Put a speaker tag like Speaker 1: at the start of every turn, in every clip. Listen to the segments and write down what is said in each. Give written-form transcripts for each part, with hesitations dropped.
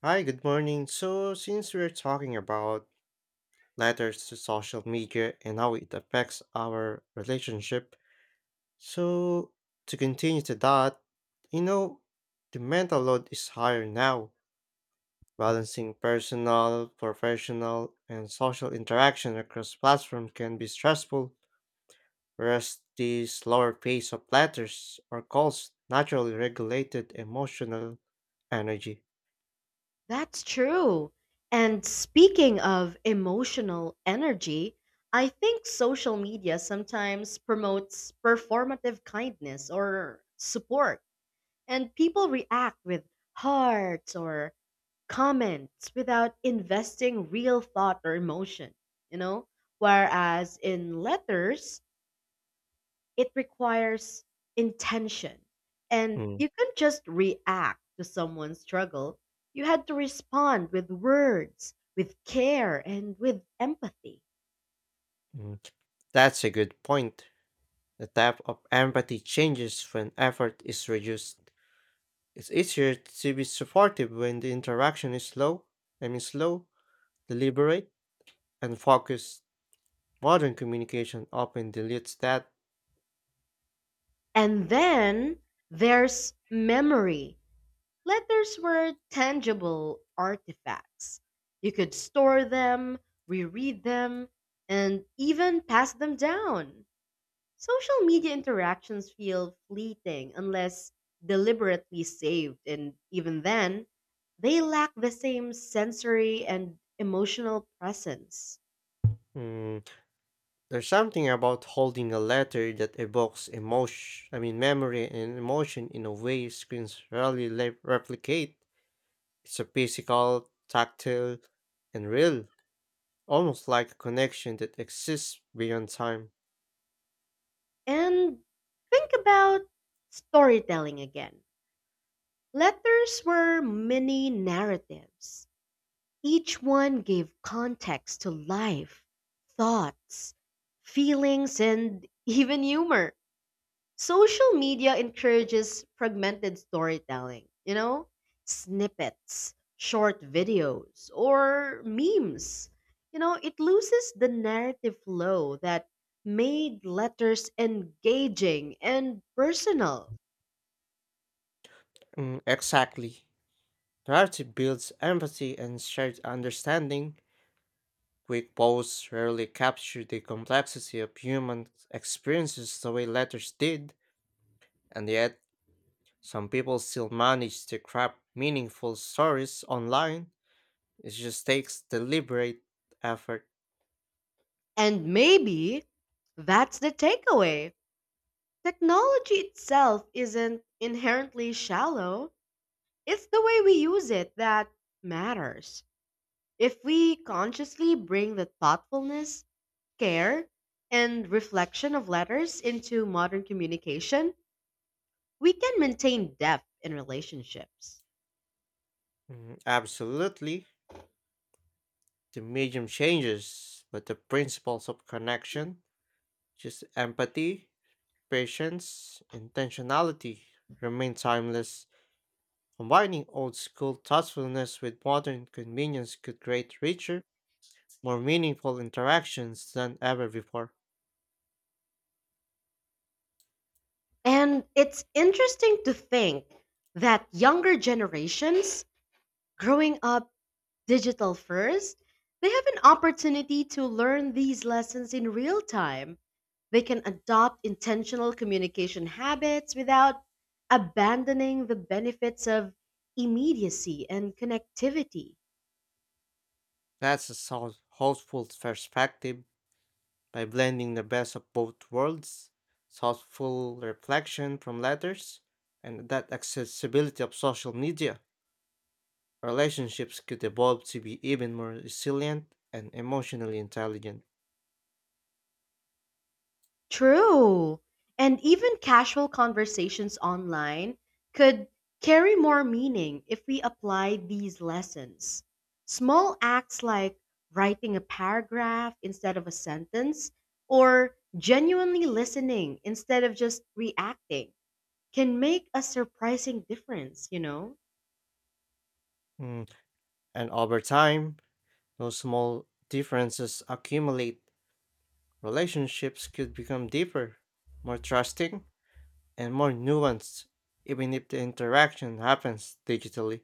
Speaker 1: Hi, good morning. So, since we're talking about letters to social media and how it affects our relationship, so to continue to that, you know, the mental load is higher now, balancing personal, professional, and social interaction across platforms can be stressful, whereas the slower pace of letters or calls naturally regulated emotional energy.
Speaker 2: That's true. And speaking of emotional energy, I think social media sometimes promotes performative kindness or support, and people react with hearts or comments without investing real thought or emotion, you know? Whereas in letters, it requires intention. And
Speaker 1: Mm,
Speaker 2: you couldn't just react to someone's struggle. You had to respond with words, with care, and with empathy.
Speaker 1: mm. That's a good point. The type of empathy changes when effort is reduced. It's easier to be supportive when the interaction is slow, I mean slow, deliberate, and focused. Modern communication often dilutes that.
Speaker 2: And then there's memory. Letters were tangible artifacts. You could store them, reread them, and even pass them down. Social media interactions feel fleeting unless deliberately saved, and even then, they lack the same sensory and emotional presence.
Speaker 1: Mm. There's something about holding a letter that evokes emotion, I mean memory and emotion in a way screens rarely replicate. It's a physical, tactile, and real, almost like a connection that exists beyond time.
Speaker 2: And think about storytelling again. Letters were mini narratives, each one gave context to life, thoughts, feelings, and even humor. Social media encourages fragmented snippets, short videos, or memes. It loses the narrative flow that made letters engaging and personal.
Speaker 1: Mm, exactly. Narrative builds empathy and shared understanding. Quick posts rarely capture the complexity of human experiences the way letters did, and yet some people still manage to craft meaningful stories online. It just takes deliberate effort.
Speaker 2: And maybe that's the takeaway. Technology itself isn't inherently shallow, it's the way we use it that matters. If we consciously bring the thoughtfulness, care, and reflection of letters into modern communication, we can maintain depth in relationships.
Speaker 1: Mm. Absolutely, the medium changes, but the principles of connection, just empathy, patience, intentionality, remain timeless. Combining old school thoughtfulness with modern convenience could create richer, more meaningful interactions than ever before.
Speaker 2: And it's interesting to think that younger generations growing up digital first, they have an opportunity to learn these lessons in real time. They can adopt intentional communication habits without abandoning the benefits of immediacy and connectivity.
Speaker 1: That's a thoughtful perspective by blending the best of both worlds thoughtful reflection from letters and that accessibility of social media. Relationships could evolve to be even more resilient and emotionally intelligent.
Speaker 2: True. And even casual conversations online could carry more meaning if we apply these lessons. Small acts like writing a paragraph instead of a sentence or genuinely listening instead of just reacting can make a surprising difference.
Speaker 1: Mm. And over time, those small differences accumulate. Relationships could become deeper, more trusting, and more nuanced, even if the interaction happens digitally.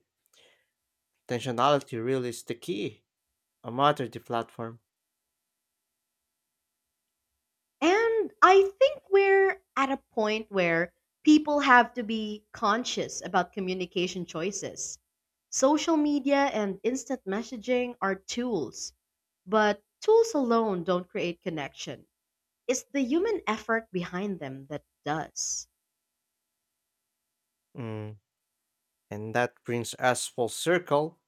Speaker 1: Intentionality really is the key, no matter the platform.
Speaker 2: And I think we're at a point where people have to be conscious about communication choices. Social media and instant messaging are tools, but tools alone don't create connection. It's the human effort behind them that does.
Speaker 1: Mm. And that brings us full circle.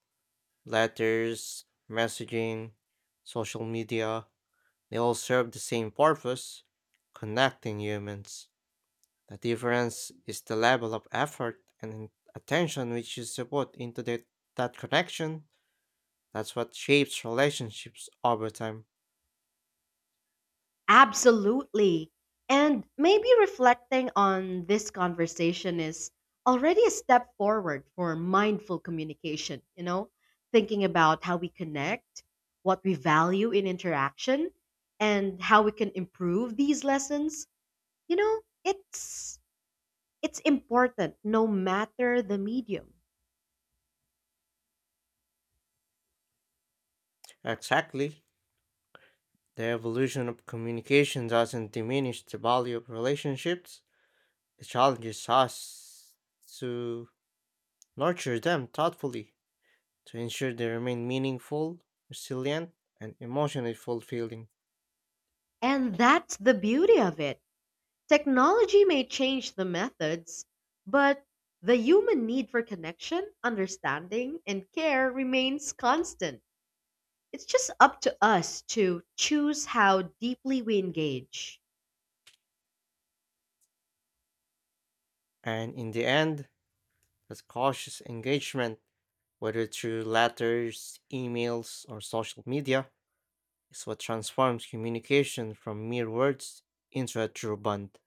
Speaker 1: Letters, messaging, social media, they all serve the same purpose connecting humans. The difference is the level of effort and attention which you should put into that connection. That's what shapes relationships over time.
Speaker 2: Absolutely. And maybe reflecting on this conversation is already a step forward for mindful thinking about how we connect, what we value in interaction, and how we can improve these lessons. You know, it's it's important no matter the medium.
Speaker 1: Exactly. The evolution of communication doesn't diminish the value of relationships. It challenges us to nurture them thoughtfully, to ensure they remain meaningful, resilient, and emotionally fulfilling.
Speaker 2: And that's the beauty of it. Technology may change the methods, but the human need for connection, understanding, and care remains constant. It's just up to us to choose how deeply we engage.
Speaker 1: And in the end, that cautious engagement, whether through letters, emails, or social media, is what transforms communication from mere words into a true bond.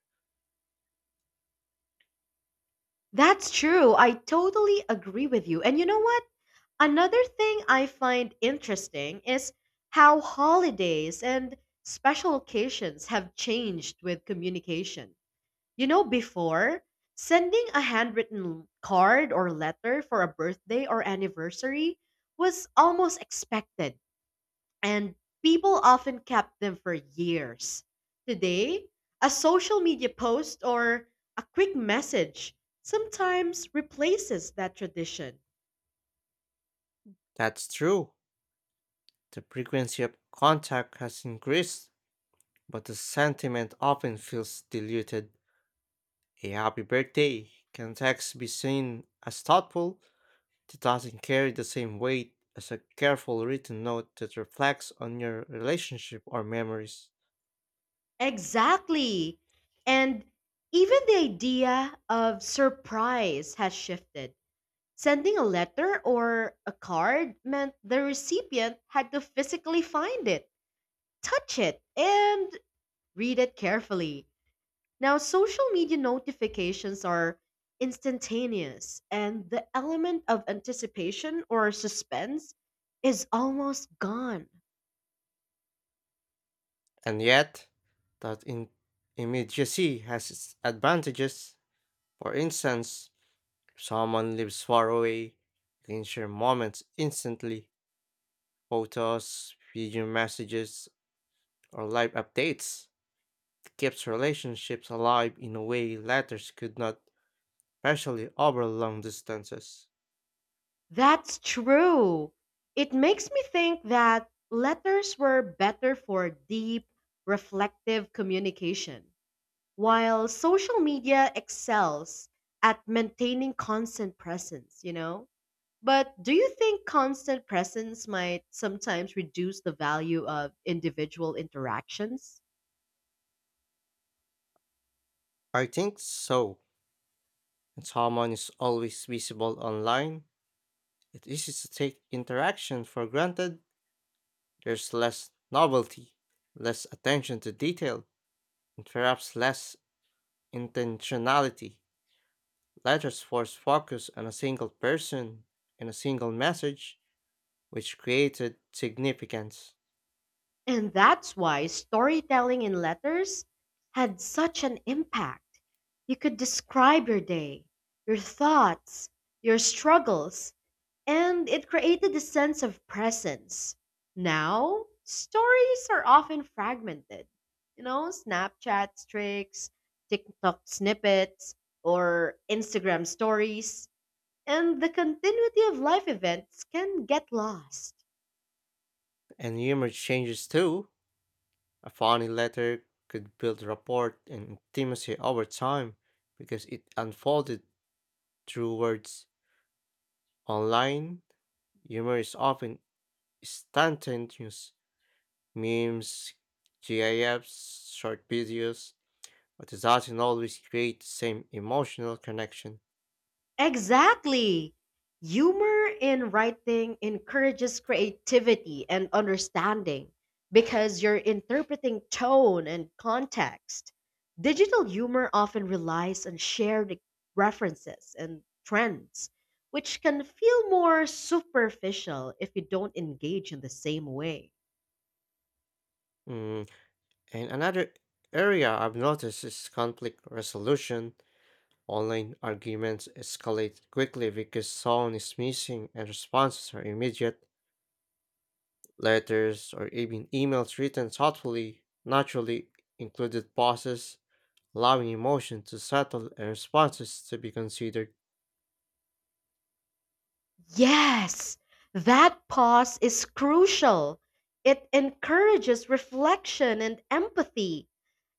Speaker 2: That's true. I totally agree with you. And you know what? Another thing I find interesting is how holidays and special occasions have changed with communication. Before, sending a handwritten card or letter for a birthday or anniversary was almost expected, and people often kept them for years. Today, a social media post or a quick message sometimes replaces that tradition.
Speaker 1: That's true. The frequency of contact has increased, but the sentiment often feels diluted. A happy birthday can text be seen as thoughtful, it doesn't carry the same weight as a careful written note that reflects on your relationship or memories.
Speaker 2: Exactly. And even the idea of surprise has shifted. Sending a letter or a card meant the recipient had to physically find it, touch it, and read it carefully. Now, social media notifications are instantaneous, and the element of anticipation or suspense is almost gone.
Speaker 1: And yet, that immediacy has its advantages. For instance, someone lives far away, you can share moments instantly, photos, video messages, or live updates. It keeps relationships alive in a way letters could not, especially over long distances.
Speaker 2: That's true. It makes me think that letters were better for deep, reflective communication. While social media excels at maintaining constant presence. But do you think constant presence might sometimes reduce the value of individual interactions?
Speaker 1: I think so. And someone is always visible online. It is easy to take interaction for granted. There's less novelty, less attention to detail, and perhaps less intentionality. Letters force focus on a single person and a single message, which created significance.
Speaker 2: And that's why storytelling in letters had such an impact. You could describe your day, your thoughts, your struggles, and it created a sense of presence. Now, stories are often fragmented. Snapchat streaks, TikTok snippets, or Instagram stories. And the continuity of life events can get lost.
Speaker 1: And humor changes too. A funny letter could build rapport and intimacy over time because it unfolded through words. Online, humor is often instantaneous. Memes, GIFs, short videos, but it doesn't always create the same emotional connection.
Speaker 2: Exactly. Humor in writing encourages creativity and understanding because you're interpreting tone and context. Digital humor often relies on shared references and trends, which can feel more superficial if you don't engage in the same way.
Speaker 1: Mm. And another area I've noticed is conflict resolution. Online arguments escalate quickly because someone is missing and responses are immediate. Letters or even emails written thoughtfully naturally included pauses, allowing emotion to settle and responses to be considered.
Speaker 2: Yes, that pause is crucial. It encourages reflection and empathy.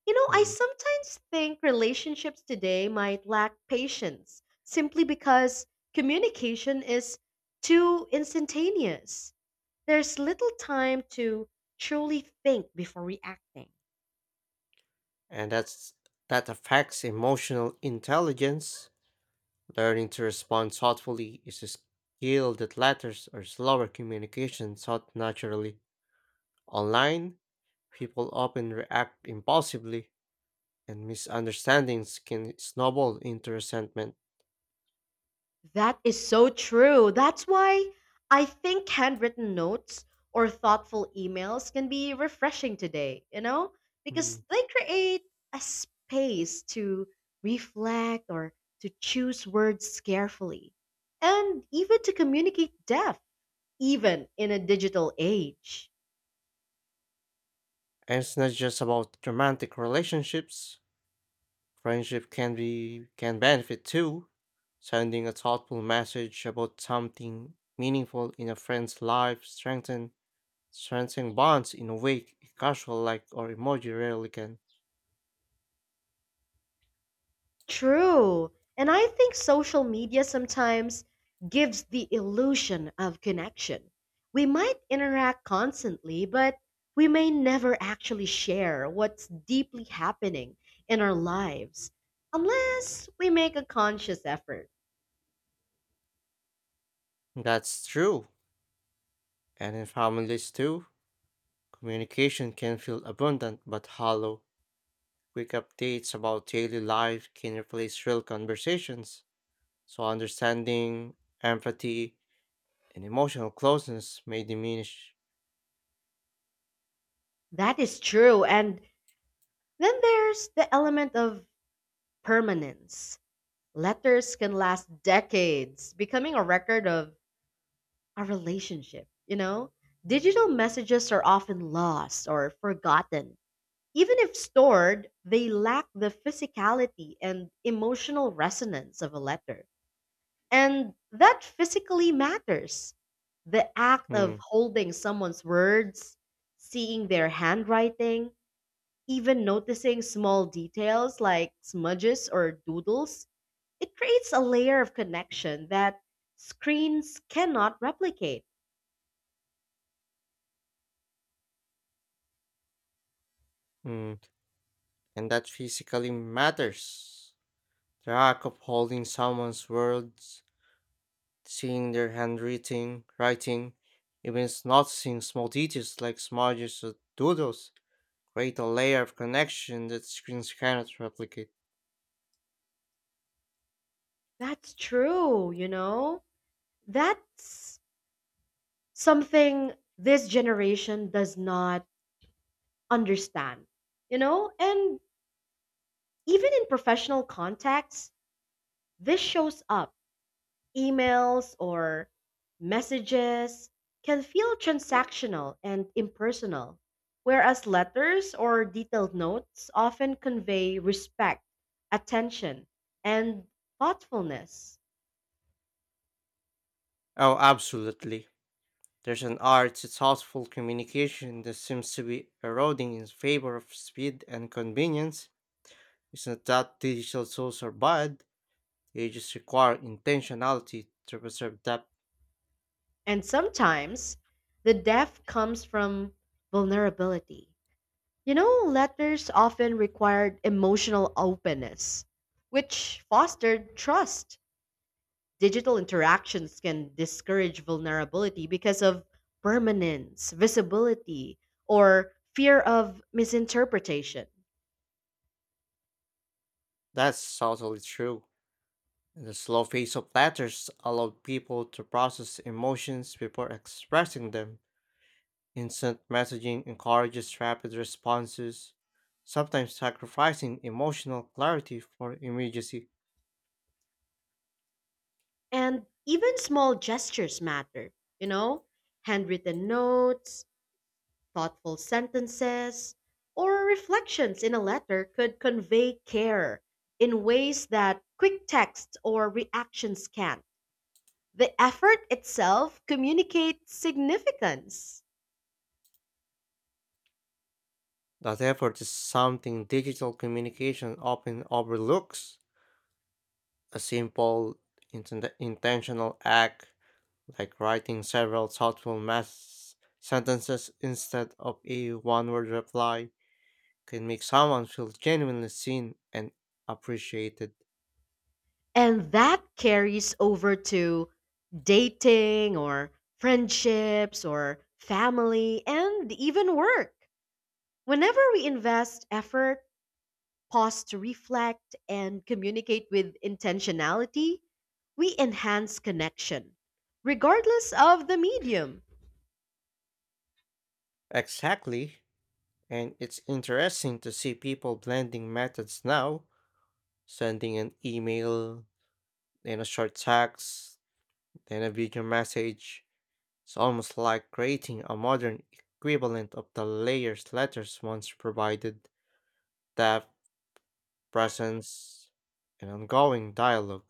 Speaker 2: I
Speaker 1: Mm.
Speaker 2: sometimes think relationships today might lack patience simply because communication is too instantaneous. There's little time to truly think before reacting.
Speaker 1: And that affects emotional intelligence. Learning to respond thoughtfully is a skill that letters or slower communication taught naturally. Online, people often react impulsively, and misunderstandings can snowball into resentment.
Speaker 2: That is so true. That's why I think handwritten notes or thoughtful emails can be refreshing today, because
Speaker 1: Mm.
Speaker 2: they create a space to reflect or to choose words carefully and even to communicate depth, even in a digital age.
Speaker 1: And it's not just about romantic relationships. Friendship can benefit too. Sending a thoughtful message about something meaningful in a friend's life strengthen bonds in a way a casual like or emoji rarely can.
Speaker 2: True. And I think social media sometimes gives the illusion of connection. We might interact constantly, but we may never actually share what's deeply happening in our lives unless we make a conscious effort.
Speaker 1: That's true. And in families too, communication can feel abundant but hollow. Quick updates about daily life can replace real conversations, so understanding, empathy, and emotional closeness may diminish.
Speaker 2: That is true. And then there's the element of permanence. Letters can last decades, becoming a record of a relationship. Digital messages are often lost or forgotten. Even if stored, they lack the physicality and emotional resonance of a letter. And that physically matters. The act of
Speaker 1: Mm,
Speaker 2: holding someone's words, seeing their handwriting, even noticing small details like smudges or doodles, it creates a layer of connection that screens cannot replicate.
Speaker 1: mm. And that physically matters. The act of holding someone's words, seeing their handwriting, even noticing small details like smudges or doodles, create a layer of connection that screens cannot replicate.
Speaker 2: That's true. That's something this generation does not understand. And even in professional contexts, this shows up. Emails or messages can feel transactional and impersonal, whereas letters or detailed notes often convey respect, attention, and thoughtfulness.
Speaker 1: Oh, absolutely. There's an art to thoughtful communication that seems to be eroding in favor of speed and convenience. It's not that digital tools are bad, they just require intentionality to preserve depth.
Speaker 2: And sometimes the depth comes from vulnerability. Letters often required emotional openness, which fostered trust. Digital interactions can discourage vulnerability because of permanence, visibility, or fear of misinterpretation.
Speaker 1: That's totally true. The slow pace of letters allowed people to process emotions before expressing them. Instant messaging encourages rapid responses, sometimes sacrificing emotional clarity for immediacy.
Speaker 2: And even small gestures matter, you know, handwritten notes, thoughtful sentences or reflections in a letter could convey care in ways that quick text or reactions can't. The effort itself communicates significance.
Speaker 1: That effort is something digital communication often overlooks. A simple, intentional act, like writing several thoughtful mass sentences instead of a one word reply, can make someone feel genuinely seen and appreciated.
Speaker 2: And that carries over to dating or friendships or family and even work. Whenever we invest effort, pause to reflect, and communicate with intentionality, we enhance connection, regardless of the medium.
Speaker 1: Exactly. And it's interesting to see people blending methods now, sending an email, then a short text, then a video message. It's almost like creating a modern equivalent of the layers letters once provided depth, presence, and ongoing dialogue.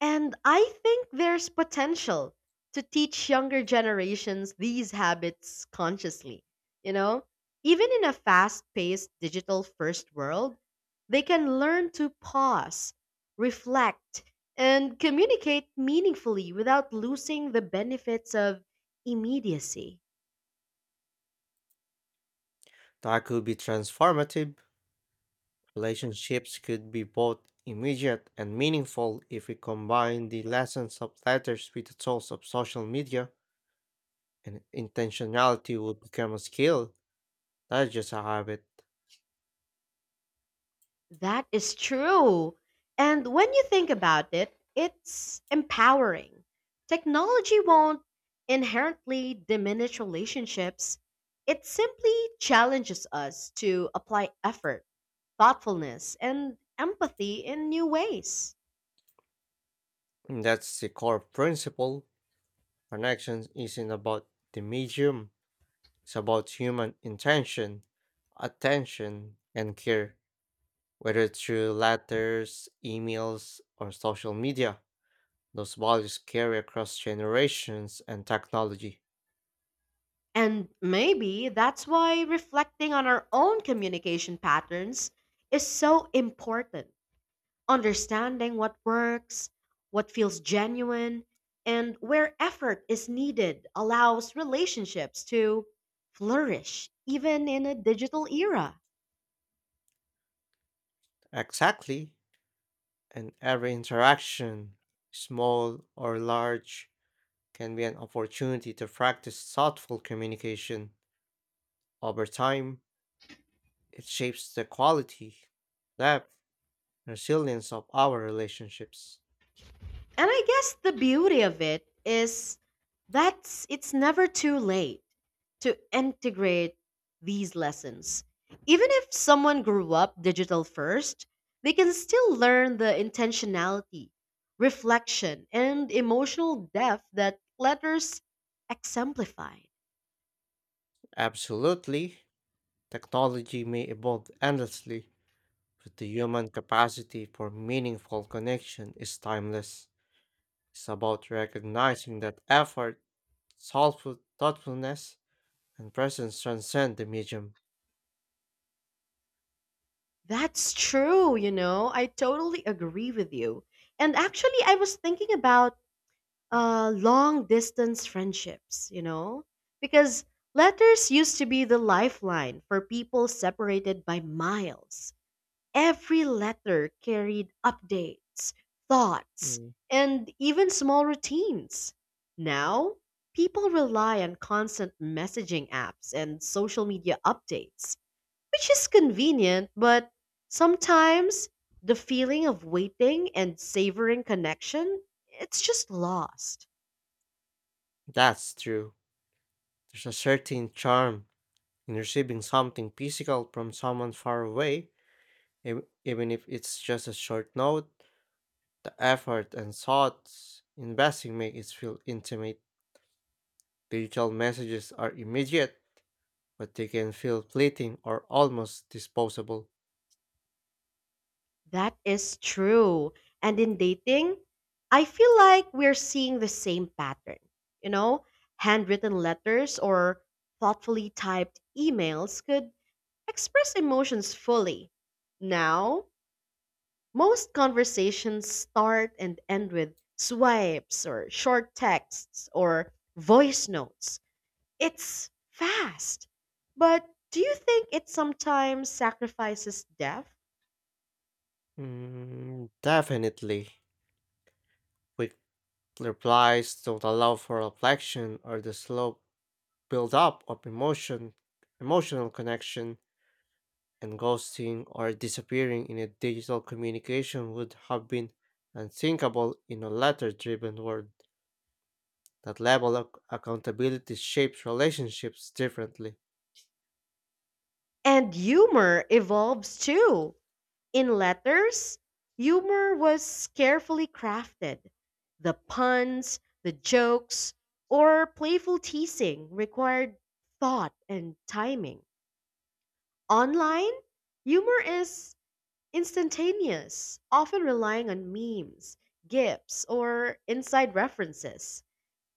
Speaker 2: And I think there's potential to teach younger generations these habits consciously. You know, even in a fast paced digital first world, they can learn to pause, reflect, and communicate meaningfully without losing the benefits of immediacy.
Speaker 1: That could be transformative. Relationships could be both immediate and meaningful if we combine the lessons of letters with the tools of social media, and intentionality would become a skill, not just a habit.
Speaker 2: That is true. And when you think about it, it's empowering. Technology won't inherently diminish relationships, it simply challenges us to apply effort, thoughtfulness, and empathy in new ways.
Speaker 1: And that's the core principle. Connections isn't about the medium. It's about human intention, attention, and care, whether through letters, emails, or social media. Those values carry across generations and technology.
Speaker 2: And maybe that's why reflecting on our own communication patterns is so important. Understanding what works, what feels genuine, and where effort is needed allows relationships to flourish even in a digital era.
Speaker 1: Exactly, and every interaction, small or large, can be an opportunity to practice thoughtful communication. Over time, it shapes the quality, depth, and resilience of our relationships.
Speaker 2: And I guess the beauty of it is that it's never too late to integrate these lessons. Even if someone grew up digital first, they can still learn the intentionality, reflection, and emotional depth that letters exemplify.
Speaker 1: Absolutely. Technology may evolve endlessly, but the human capacity for meaningful connection is timeless. It's about recognizing that effort, thoughtfulness, and presence transcend the medium.
Speaker 2: That's true, you know. I totally agree with you. And actually, I was thinking about long distance friendships. Because letters used to be the lifeline for people separated by miles. Every letter carried updates, thoughts,
Speaker 1: Mm.
Speaker 2: and even small routines. Now, people rely on constant messaging apps and social media updates, which is convenient, but sometimes the feeling of waiting and savoring connection, it's just lost.
Speaker 1: That's true. There's a certain charm in receiving something physical from someone far away, even if it's just a short note. The effort and thoughts investing make it feel intimate. Digital messages are immediate but they can feel fleeting or almost disposable.
Speaker 2: That is true. And in dating, I feel like we're seeing the same pattern. You know, handwritten letters or thoughtfully typed emails could express emotions fully. Now, most conversations start and end with swipes or short texts or voice notes. It's fast. But do you think it sometimes sacrifices depth?
Speaker 1: Mm, definitely. Quick replies don't allow for reflection or the slow build-up of emotional connection, and ghosting or disappearing in a digital communication would have been unthinkable in a letter-driven world. That level of accountability shapes relationships differently.
Speaker 2: And humor evolves too. In letters, humor was carefully crafted. The puns, the jokes, or playful teasing required thought and timing. Online, humor is instantaneous, often relying on memes, gifs, or inside references.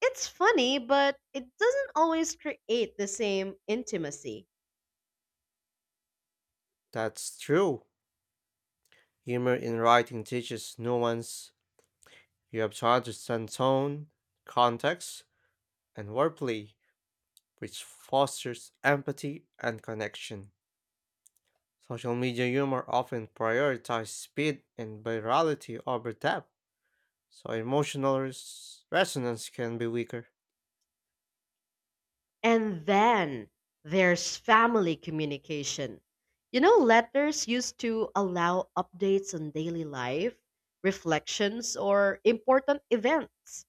Speaker 2: It's funny, but it doesn't always create the same intimacy.
Speaker 1: That's true. Humor in writing teaches nuance. You have to understand tone, context, and wordplay, which fosters empathy and connection. Social media humor often prioritizes speed and virality over depth, so emotional resonance can be weaker.
Speaker 2: And then there's family communication. Letters used to allow updates on daily life, reflections, or important events.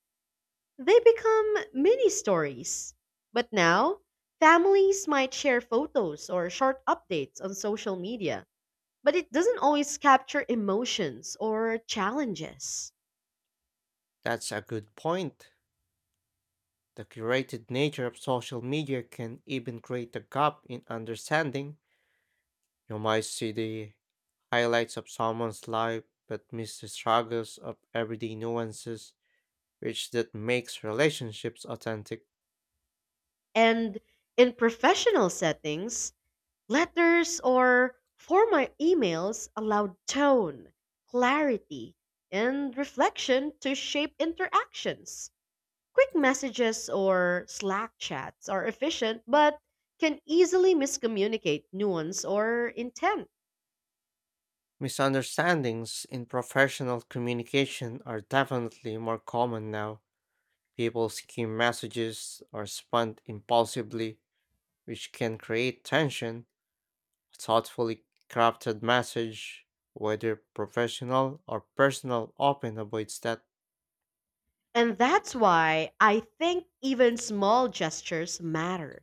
Speaker 2: They become mini stories. But now, families might share photos or short updates on social media, but it doesn't always capture emotions or challenges.
Speaker 1: That's a good point. The curated nature of social media can even create a gap in understanding. You might see the highlights of someone's life but miss the struggles of everyday nuances, which that makes relationships authentic.
Speaker 2: And in professional settings, letters or formal emails allow tone, clarity, and reflection to shape interactions. Quick messages or Slack chats are efficient but can easily miscommunicate nuance or intent.
Speaker 1: Misunderstandings in professional communication are definitely more common now. People skim messages or respond impulsively, which can create tension. A thoughtfully crafted message, whether professional or personal, often avoids that.
Speaker 2: And that's why I think even small gestures matter.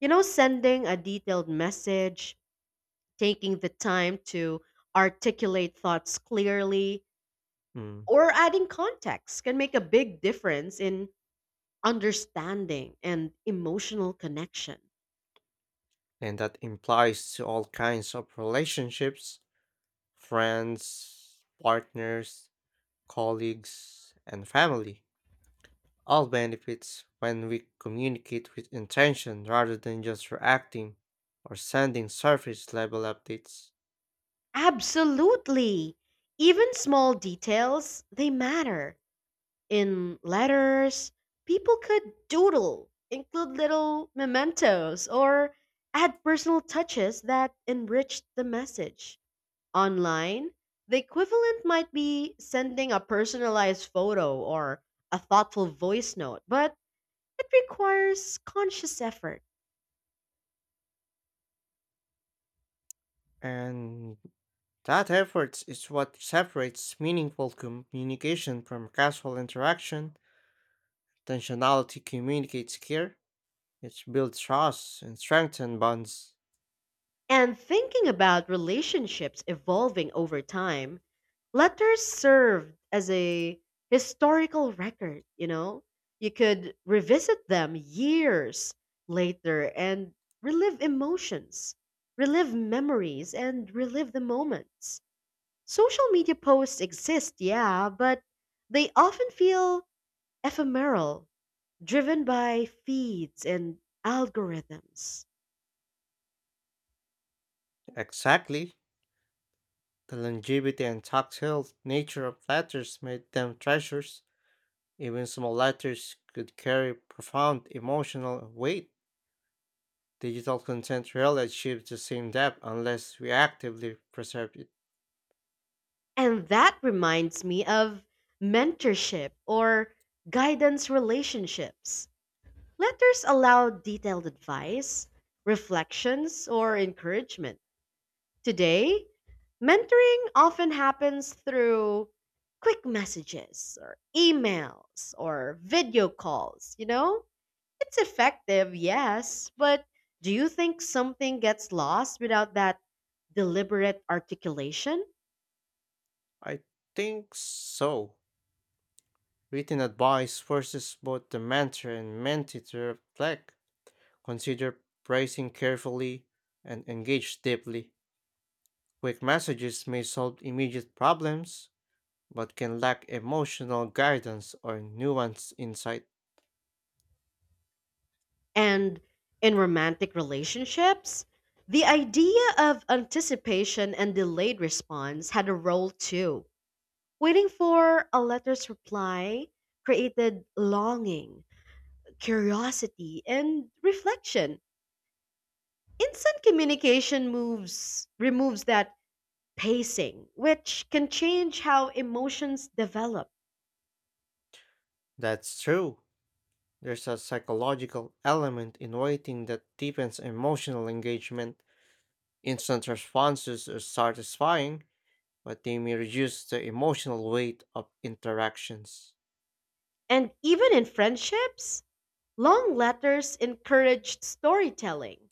Speaker 2: Sending a detailed message, taking the time to articulate thoughts clearly,
Speaker 1: Mm.
Speaker 2: or adding context can make a big difference in understanding and emotional connection.
Speaker 1: And that implies to all kinds of relationships friends, partners, colleagues, and family. All benefits when we communicate with intention rather than just reacting or sending surface level updates.
Speaker 2: Absolutely. Even small details, they matter. In letters, people could doodle, include little mementos, or add personal touches that enrich the message. Online, the equivalent might be sending a personalized photo or a thoughtful voice note, but it requires conscious effort.
Speaker 1: And that effort is what separates meaningful communication from casual interaction. Intentionality communicates care, it builds trust and strengthens bonds.
Speaker 2: And thinking about relationships evolving over time, letters served as a historical record, you know? You could revisit them years later and relive emotions, relive memories, and relive the moments. Social media posts exist, yeah, but they often feel ephemeral, driven by feeds and algorithms.
Speaker 1: Exactly. The longevity and tactile nature of letters made them treasures. Even small letters could carry profound emotional weight. Digital content rarely achieves the same depth unless we actively preserve it.
Speaker 2: And that reminds me of mentorship or guidance relationships. Letters allow detailed advice, reflections, or encouragement. Today, mentoring often happens through quick messages or emails or video calls. It's effective, yes, but do you think something gets lost without that deliberate articulation?
Speaker 1: I think so. Written advice forces both the mentor and mentee to reflect, consider phrasing carefully, and engage deeply. Quick messages may solve immediate problems, but can lack emotional guidance or nuanced insight.
Speaker 2: And in romantic relationships, the idea of anticipation and delayed response had a role too. Waiting for a letter's reply created longing, curiosity, and reflection. Instant communication moves removes that pacing, which can change how emotions develop.
Speaker 1: That's true. There's a psychological element in writing that deepens emotional engagement. Instant responses are satisfying, but they may reduce the emotional weight of interactions.
Speaker 2: And even in friendships, long letters encouraged storytelling.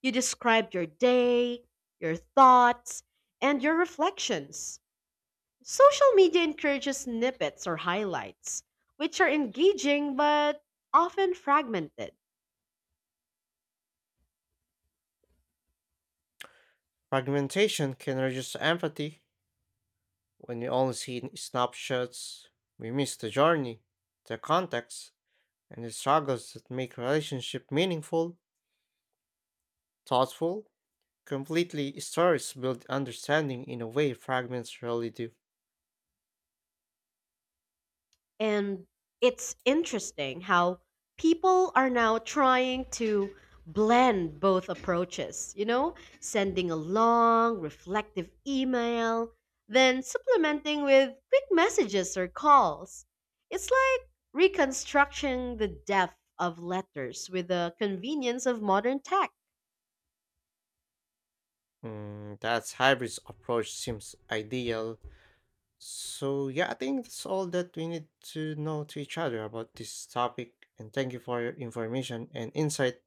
Speaker 2: You described your day, your thoughts, and your reflections. Social media encourages snippets or highlights, which are engaging but often fragmented.
Speaker 1: Fragmentation can reduce empathy. When we only see snapshots, we miss the journey, the context, and the struggles that make relationship meaningful, thoughtful, completely stories build understanding in a way fragments rarely do.
Speaker 2: And it's interesting how people are now trying to blend both approaches, sending a long, reflective email, then supplementing with quick messages or calls. It's like reconstructing the depth of letters with the convenience of modern tech.
Speaker 1: Mm, that's hybrid approach seems ideal. So, yeah, I think that's all that we need to know to each other about this topic. And thank you for your information and insight.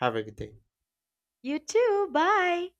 Speaker 1: Have a good day.
Speaker 2: You too, bye.